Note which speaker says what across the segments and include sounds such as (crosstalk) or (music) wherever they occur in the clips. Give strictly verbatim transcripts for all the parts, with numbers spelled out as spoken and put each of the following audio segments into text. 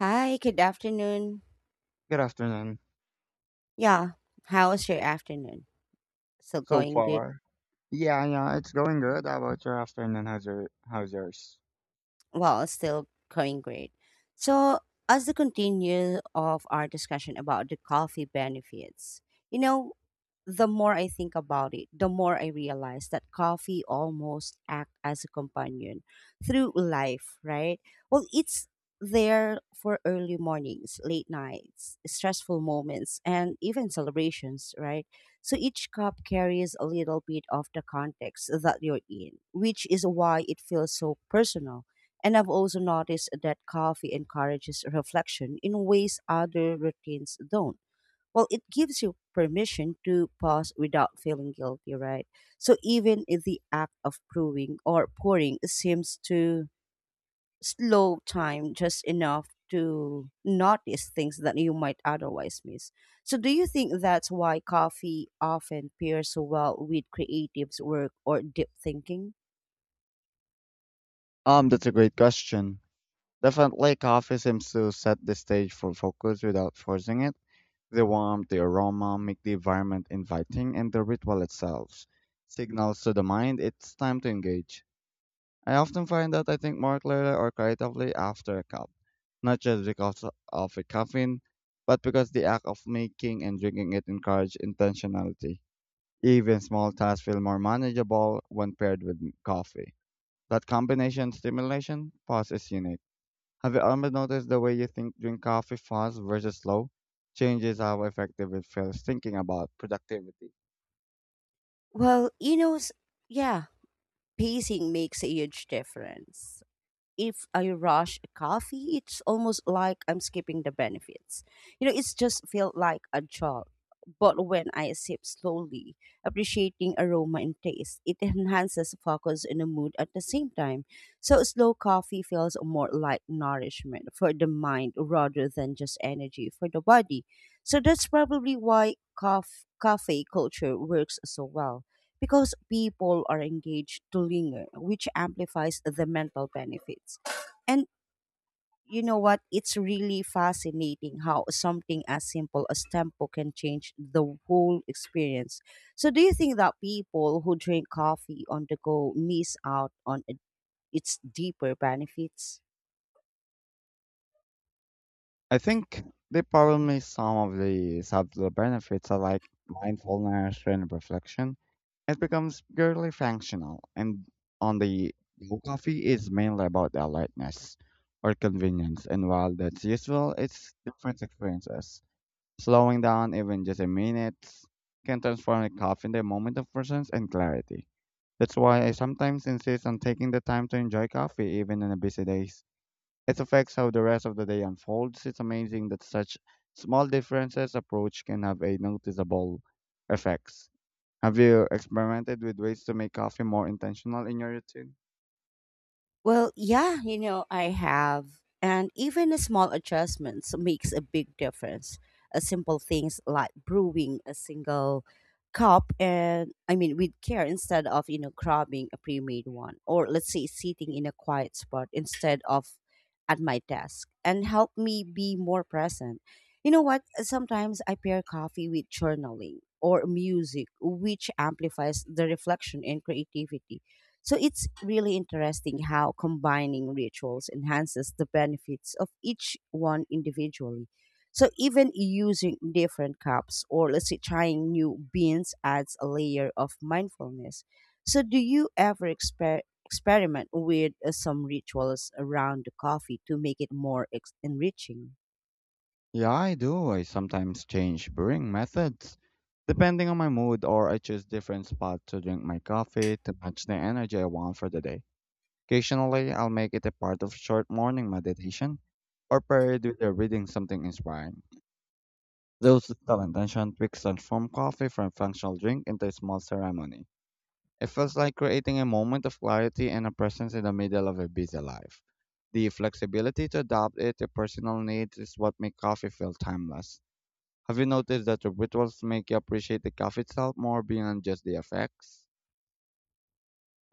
Speaker 1: Hi, good afternoon.
Speaker 2: Good afternoon.
Speaker 1: Yeah, how was your afternoon? Still
Speaker 2: So
Speaker 1: going good?
Speaker 2: far, yeah, yeah, it's going good. How about your afternoon? How's your how's yours?
Speaker 1: Well, still going great. So, as the continue of our discussion about the coffee benefits, you know, the more I think about it, the more I realize that coffee almost act as a companion through life, right? Well, it's there for early mornings, late nights, stressful moments, and even celebrations, right? So each cup carries a little bit of the context that you're in, which is why it feels so personal. And I've also noticed that coffee encourages reflection in ways other routines don't. Well, it gives you permission to pause without feeling guilty, right? So even if the act of brewing or pouring seems to slow time just enough to notice things that you might otherwise miss. So do you think that's why coffee often pairs so well with creatives work or deep thinking?
Speaker 2: Um, that's a great question. Definitely, coffee seems to set the stage for focus without forcing it. The warmth, the aroma make the environment inviting, and the ritual itself signals to the mind it's time to engage. I often find that I think more clearly or creatively after a cup, not just because of the caffeine, but because the act of making and drinking it encourage intentionality. Even small tasks feel more manageable when paired with m- coffee. That combination stimulation pause is unique. Have you ever noticed the way you think drink coffee fast versus slow changes how effective it feels thinking about productivity?
Speaker 1: Well, you know, s- yeah, pacing makes a huge difference. If I rush a coffee, it's almost like I'm skipping the benefits. You know, it's just feel like a job. But when I sip slowly, appreciating aroma and taste, it enhances focus and the mood at the same time. So slow coffee feels more like nourishment for the mind rather than just energy for the body. So that's probably why cof- cafe culture works so well because people are engaged to linger, which amplifies the mental benefits. And you know what? It's really fascinating how something as simple as tempo can change the whole experience. So, do you think that people who drink coffee on the go miss out on it- its deeper benefits?
Speaker 2: I think they probably miss some of the subtle benefits are like mindfulness and reflection. It becomes purely functional, and on the low coffee is mainly about the lightness or convenience. And while that's useful, it's different experiences. Slowing down, even just a minute, can transform a coffee into a moment of presence and clarity. That's why I sometimes insist on taking the time to enjoy coffee even on a busy days. It affects how the rest of the day unfolds. It's amazing that such small differences approach can have a noticeable effects. Have you experimented with ways to make coffee more intentional in your routine?
Speaker 1: Well, yeah, you know, I have. And even a small adjustments makes a big difference. Uh, simple things like brewing a single cup and I mean with care instead of, you know, grabbing a pre-made one, or let's say sitting in a quiet spot instead of at my desk, and help me be more present. You know what? Sometimes I pair coffee with journaling or music which amplifies the reflection and creativity, so it's really interesting how combining rituals enhances the benefits of each one individually. So even using different cups or let's say trying new beans adds a layer of mindfulness. So do you ever exper- experiment with uh, some rituals around the coffee to make it more ex- enriching?
Speaker 2: Yeah, I do. I sometimes change brewing methods depending on my mood or I choose different spots to drink my coffee to match the energy I want for the day. Occasionally, I'll make it a part of short morning meditation or paired with uh, reading something inspiring. Those with talent and Sean Twix transform coffee from functional drink into a small ceremony. It feels like creating a moment of clarity and a presence in the middle of a busy life. The flexibility to adapt it to personal needs is what makes coffee feel timeless. Have you noticed that the rituals make you appreciate the coffee itself more beyond just the effects?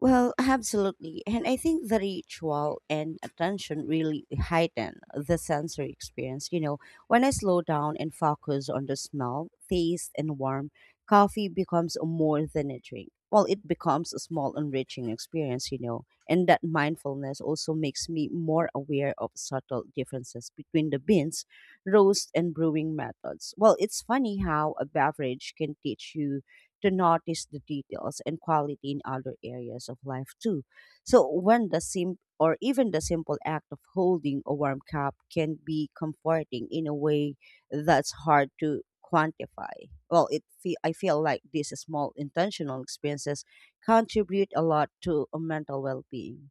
Speaker 1: Well, absolutely. And I think the ritual and attention really heighten the sensory experience. You know, when I slow down and focus on the smell, taste, and warmth, coffee becomes more than a drink. Well, it becomes a small, enriching experience, you know. And that mindfulness also makes me more aware of subtle differences between the beans, roast, and brewing methods. Well, it's funny how a beverage can teach you to notice the details and quality in other areas of life too. So when the sim or even the simple act of holding a warm cup can be comforting in a way that's hard to quantify. Well, it fe- I feel like these small intentional experiences contribute a lot to a mental well-being.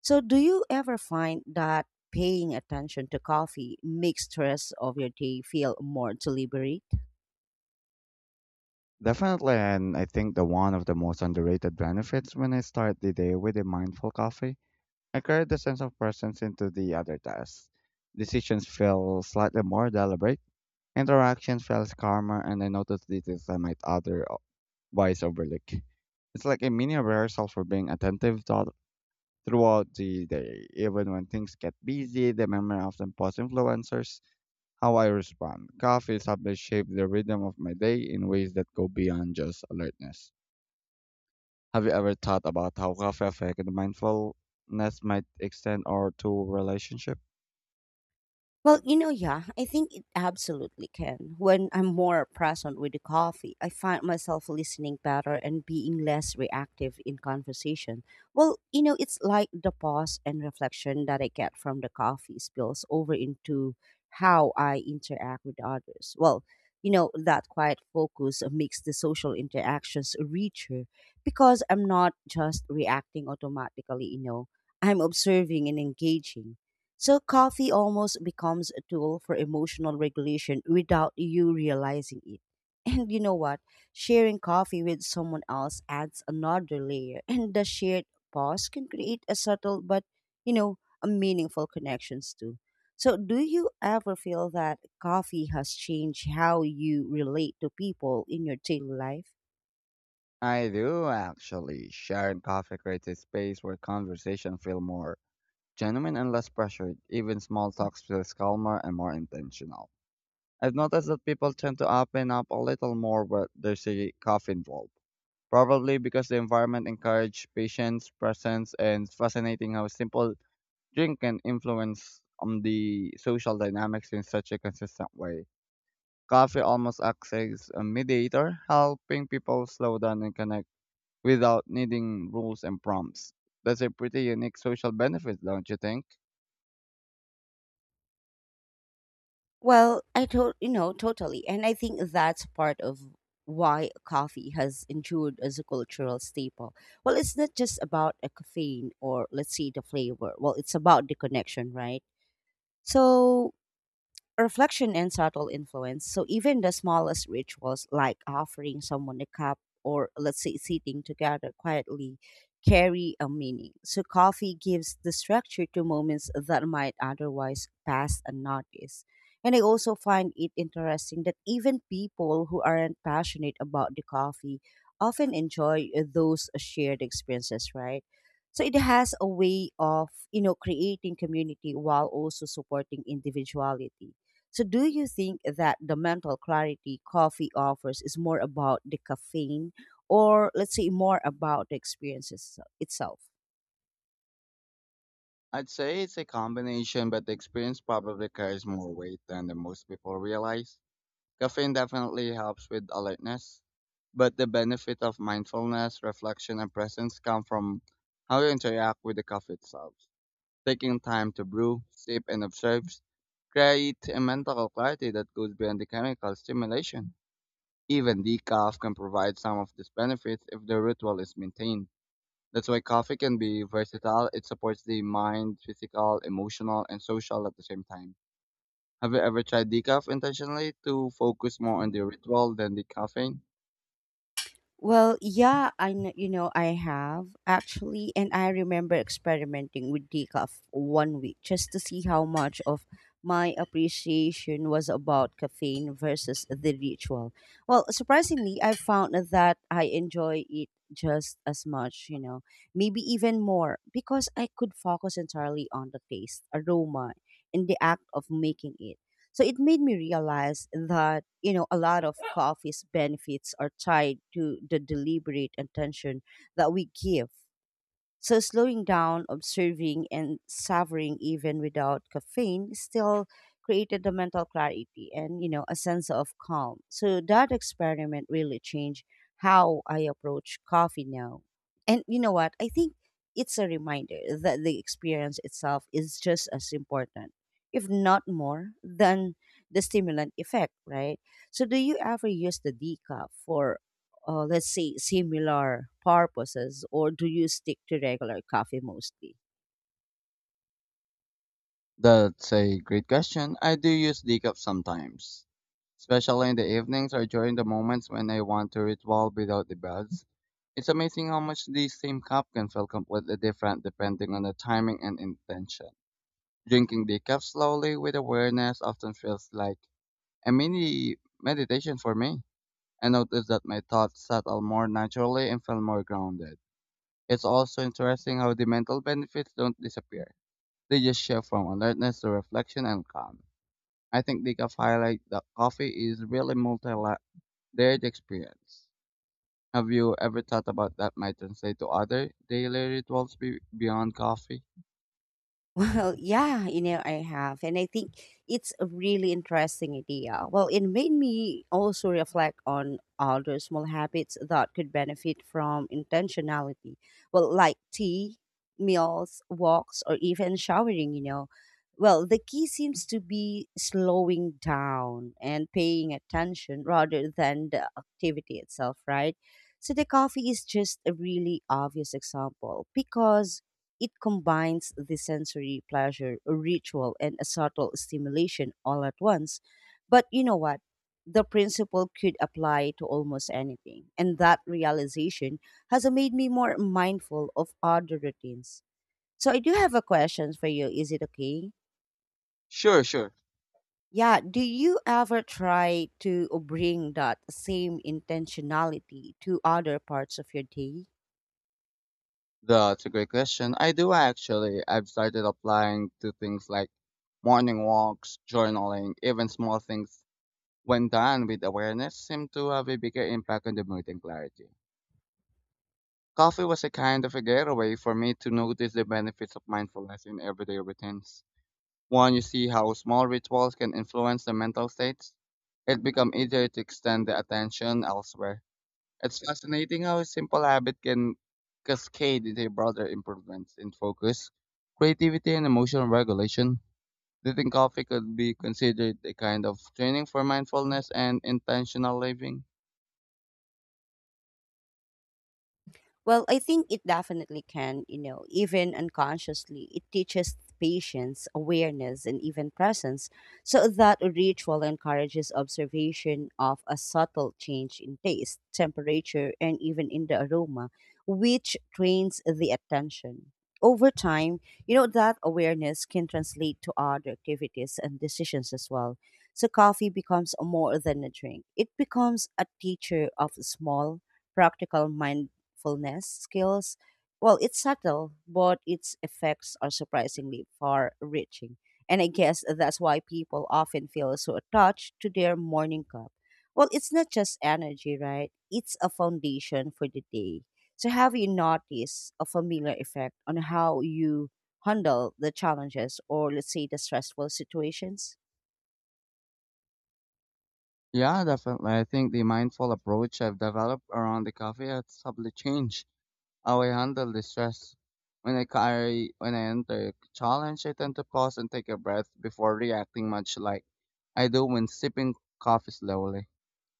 Speaker 1: So do you ever find that paying attention to coffee makes stress of your day feel more deliberate?
Speaker 2: Definitely, and I think the one of the most underrated benefits when I start the day with a mindful coffee I carried the sense of presence into the other tasks. Decisions felt slightly more deliberate, interactions felt calmer, and I noticed details I might otherwise overlook. It's like a mini rehearsal for being attentive thou- throughout the day. Even when things get busy, the memory often post influencers how I respond. Coffee subtly shaped the rhythm of my day in ways that go beyond just alertness. Have you ever thought about how coffee affected mindfulness might extend or to relationship?
Speaker 1: Well, you know, yeah, I think it absolutely can. When I'm more present with the coffee, I find myself listening better and being less reactive in conversation. Well, you know, it's like the pause and reflection that I get from the coffee spills over into how I interact with others. Well, you know, that quiet focus makes the social interactions richer because I'm not just reacting automatically, you know, I'm observing and engaging. So coffee almost becomes a tool for emotional regulation without you realizing it. (laughs) And you know what? Sharing coffee with someone else adds another layer, and the shared pause can create a subtle but, you know, a meaningful connections too. So, do you ever feel that coffee has changed how you relate to people in your daily life?
Speaker 2: I do actually. Sharing coffee creates a space where conversation feel more genuine and less pressured. Even small talks feels calmer and more intentional. I've noticed that people tend to open up a little more when there's a coffee involved. Probably because the environment encourages patience, presence, and it's fascinating how a simple drink can influence on the social dynamics in such a consistent way. Coffee almost acts as a mediator, helping people slow down and connect without needing rules and prompts. That's a pretty unique social benefit, don't you think?
Speaker 1: Well, I to- you know totally, and I think that's part of why coffee has endured as a cultural staple. Well, it's not just about a caffeine or let's say the flavor. Well, it's about the connection, right? So reflection and subtle influence. So even the smallest rituals, like offering someone a cup or let's say sitting together quietly, carry a meaning. So coffee gives the structure to moments that might otherwise pass unnoticed. And I also find it interesting that even people who aren't passionate about the coffee often enjoy uh, those shared experiences, right? So it has a way of, you know, creating community while also supporting individuality. So, do you think that the mental clarity coffee offers is more about the caffeine or, let's say, more about the experience itse- itself?
Speaker 2: I'd say it's a combination, but the experience probably carries more weight than the most people realize. Caffeine definitely helps with alertness, but the benefit of mindfulness, reflection, and presence come from how you interact with the coffee itself. Taking time to brew, sip, and observe create a mental clarity that goes beyond the chemical stimulation. Even decaf can provide some of these benefits if the ritual is maintained. That's why coffee can be versatile. It supports the mind, physical, emotional, and social at the same time. Have you ever tried decaf intentionally to focus more on the ritual than the caffeine?
Speaker 1: Well, yeah, I kn- you know I have actually, and I remember experimenting with decaf one week just to see how much of my appreciation was about caffeine versus the ritual. Well, surprisingly, I found that I enjoy it just as much, you know, maybe even more because I could focus entirely on the taste, aroma, and the act of making it. So it made me realize that, you know, a lot of coffee's benefits are tied to the deliberate attention that we give, so slowing down, observing, and savoring even without caffeine still created the mental clarity and you know a sense of calm. So that experiment really changed how I approach coffee now. And you know what? I think it's a reminder that the experience itself is just as important, if not more, than the stimulant effect, right? So do you ever use the decaf for uh, let's say, similar purposes, or do you stick to regular coffee mostly?
Speaker 2: That's a great question. I do use decaf sometimes, especially in the evenings or during the moments when I want to ritual without the buzz. It's amazing how much the same cup can feel completely different depending on the timing and intention. Drinking decaf slowly with awareness often feels like a mini meditation for me. I notice that my thoughts settle more naturally and feel more grounded. It's also interesting how the mental benefits don't disappear. They just shift from alertness to reflection and calm. I think decaf highlight that coffee is really multi-layered experience. Have you ever thought about that might translate to other daily rituals be- beyond coffee?
Speaker 1: Well, yeah, you know, I have. And I think it's a really interesting idea. Well, it made me also reflect on other small habits that could benefit from intentionality. Well, like tea, meals, walks, or even showering, you know. Well, the key seems to be slowing down and paying attention rather than the activity itself, right? So the coffee is just a really obvious example because it combines the sensory pleasure, a ritual, and a subtle stimulation all at once. But you know what? The principle could apply to almost anything. And that realization has made me more mindful of other routines. So I do have a question for you. Is it okay?
Speaker 2: Sure, sure.
Speaker 1: Yeah, do you ever try to bring that same intentionality to other parts of your day?
Speaker 2: That's a great question. I do actually. I've started applying to things like morning walks, journaling, even small things when done with awareness seem to have a bigger impact on the mood and clarity. Coffee was a kind of a getaway for me to notice the benefits of mindfulness in everyday routines. One, you see how small rituals can influence the mental states. It becomes easier to extend the attention elsewhere. It's fascinating how a simple habit can cascade into broader improvements in focus, creativity, and emotional regulation. Do you think coffee could be considered a kind of training for mindfulness and intentional living?
Speaker 1: Well, I think it definitely can, you know, even unconsciously. It teaches patience, awareness, and even presence. So that ritual encourages observation of a subtle change in taste, temperature, and even in the aroma, which trains the attention. Over time, you know, that awareness can translate to other activities and decisions as well. So coffee becomes more than a drink, it becomes a teacher of small, practical mind mindfulness skills. Well, it's subtle, but its effects are surprisingly far reaching. And I guess that's why people often feel so attached to their morning cup. Well, it's not just energy, right? It's a foundation for the day. So, have you noticed a familiar effect on how you handle the challenges or, let's say, the stressful situations?
Speaker 2: Yeah, definitely. I think the mindful approach I've developed around the coffee has subtly changed how I handle the stress. When I carry, when I enter a challenge, I tend to pause and take a breath before reacting, much like I do when sipping coffee slowly.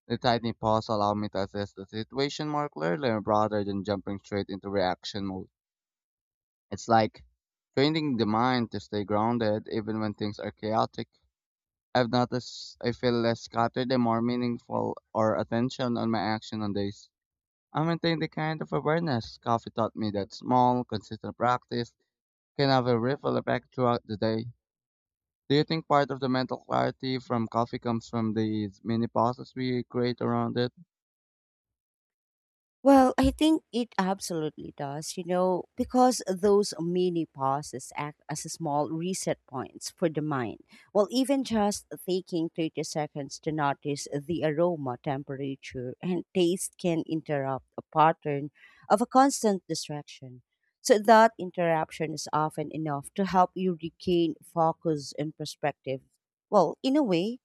Speaker 2: The tiny pause allowed me to assess the situation more clearly rather than jumping straight into reaction mode. It's like training the mind to stay grounded even when things are chaotic. I've noticed I feel less scattered and more meaningful or attention on my action on days. I maintain the kind of awareness coffee taught me that small, consistent practice can have a ripple effect throughout the day. Do you think part of the mental clarity from coffee comes from these mini pauses we create around it?
Speaker 1: Well, I think it absolutely does, you know, because those mini pauses act as small reset points for the mind. Well, even just taking thirty seconds to notice the aroma, temperature, and taste can interrupt a pattern of a constant distraction. So, that interruption is often enough to help you regain focus and perspective. Well, in a way,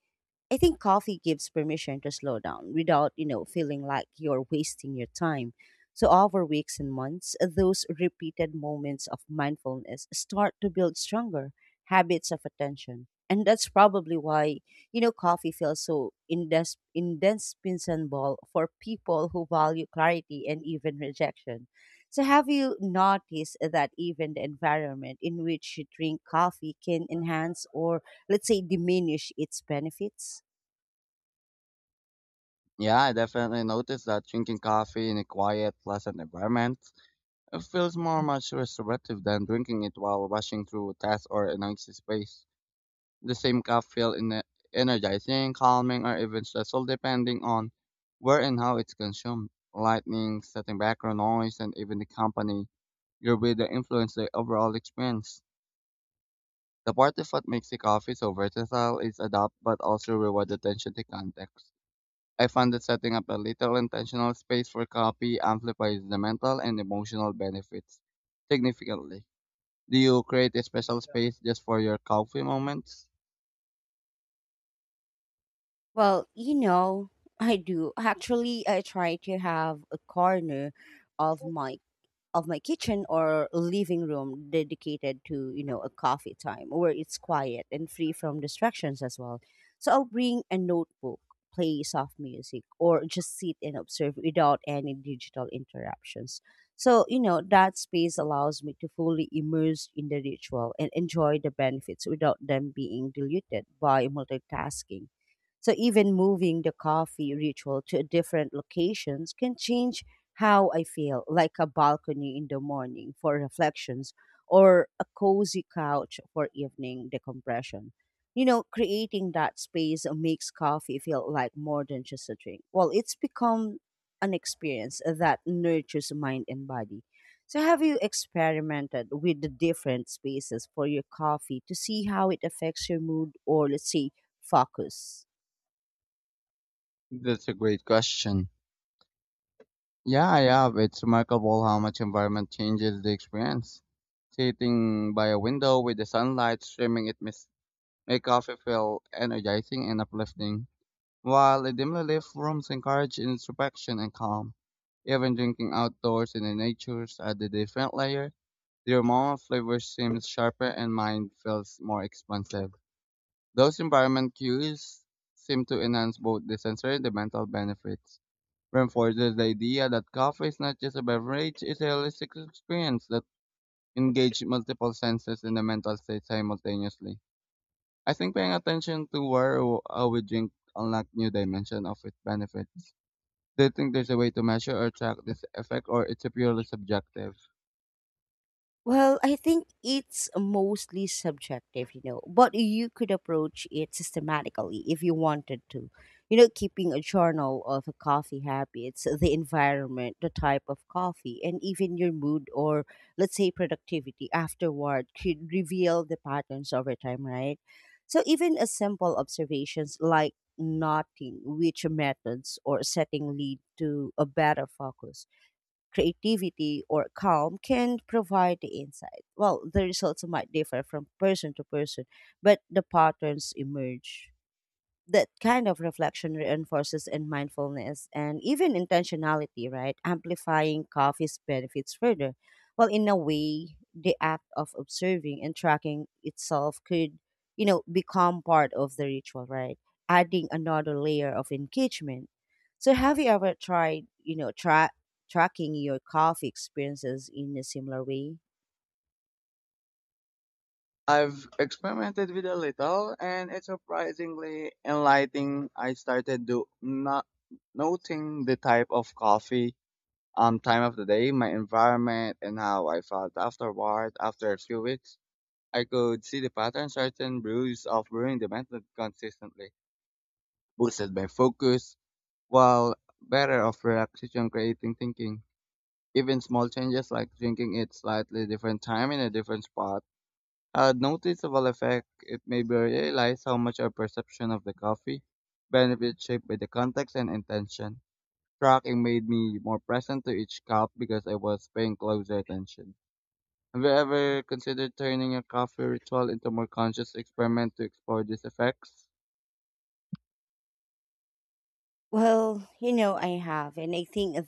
Speaker 1: I think coffee gives permission to slow down without, you know, feeling like you're wasting your time. So over weeks and months, those repeated moments of mindfulness start to build stronger habits of attention. And that's probably why, you know, coffee feels so indes- indispensable for people who value clarity and even rejection. So have you noticed that even the environment in which you drink coffee can enhance or let's say diminish its benefits?
Speaker 2: Yeah, I definitely noticed that drinking coffee in a quiet, pleasant environment uh, feels more much restorative than drinking it while rushing through a task or a noisy space. The same cup feels in energizing, calming, or even stressful depending on where and how it's consumed. Lightning, setting background noise, and even the company your way that influence the overall experience. The part of what makes the coffee so versatile is adapt but also reward attention to context. I found that setting up a little intentional space for copy amplifies the mental and emotional benefits significantly. Do you create a special space just for your coffee moments?
Speaker 1: Well, you know, I do. Actually, I try to have a corner of my of my kitchen or living room dedicated to you know a coffee time where it's quiet and free from distractions as well, so I'll bring a notebook, play soft music, or just sit and observe without any digital interruptions. So you know that space allows me to fully immerse in the ritual and enjoy the benefits without them being diluted by multitasking, so even moving the coffee ritual to different locations can change how I feel, like a balcony in the morning for reflections or a cozy couch for evening decompression. You know, creating that space makes coffee feel like more than just a drink. Well, it's become an experience that nurtures mind and body. So, have you experimented with the different spaces for your coffee to see how it affects your mood or, let's say, focus?
Speaker 2: That's a great question. Yeah, I have. It's remarkable how much environment changes the experience. Sitting by a window with the sunlight streaming it makes make coffee feel energizing and uplifting. While a dimly-lit rooms encourage introspection and calm, even drinking outdoors in the nature's added a different layer. The aroma of flavor seems sharper and mind feels more expansive. Those environment cues seem to enhance both the sensory and the mental benefits. Reinforces the idea that coffee is not just a beverage, it's a holistic experience that engages multiple senses in the mental state simultaneously. I think paying attention to where or how we drink unlock new dimension of its benefits. Do you think there's a way to measure or track this effect, or it's purely subjective?
Speaker 1: Well, I think it's mostly subjective, you know, but you could approach it systematically if you wanted to. You know, keeping a journal of coffee habits, the environment, the type of coffee, and even your mood or, let's say, productivity afterward could reveal the patterns over time, right? So, even a simple observations like noting which methods or setting lead to a better focus creativity, or calm can provide the insight. Well, the results might differ from person to person, but the patterns emerge that kind of reflection reinforces in mindfulness and even intentionality, right? Amplifying coffee's benefits further. Well, in a way, the act of observing and tracking itself could, you know, become part of the ritual, right? Adding another layer of engagement. So, have you ever tried, you know, tra- tracking your coffee experiences in a similar way?
Speaker 2: I've experimented with a little, and it's surprisingly enlightening. I started do not noting the type of coffee, um, time of the day, my environment, and how I felt afterward. After a few weeks, I could see the pattern. Certain brews of brewing the method consistently boosted my focus, while better of relaxation, creating thinking. Even small changes like drinking at slightly different time in a different spot had noticeable effect. It made me realize how much our perception of the coffee benefits shaped by the context and intention. Tracking made me more present to each cup because I was paying closer attention. Have you ever considered turning your coffee ritual into a more conscious experiment to explore these effects?
Speaker 1: Well, you know, I have, and I think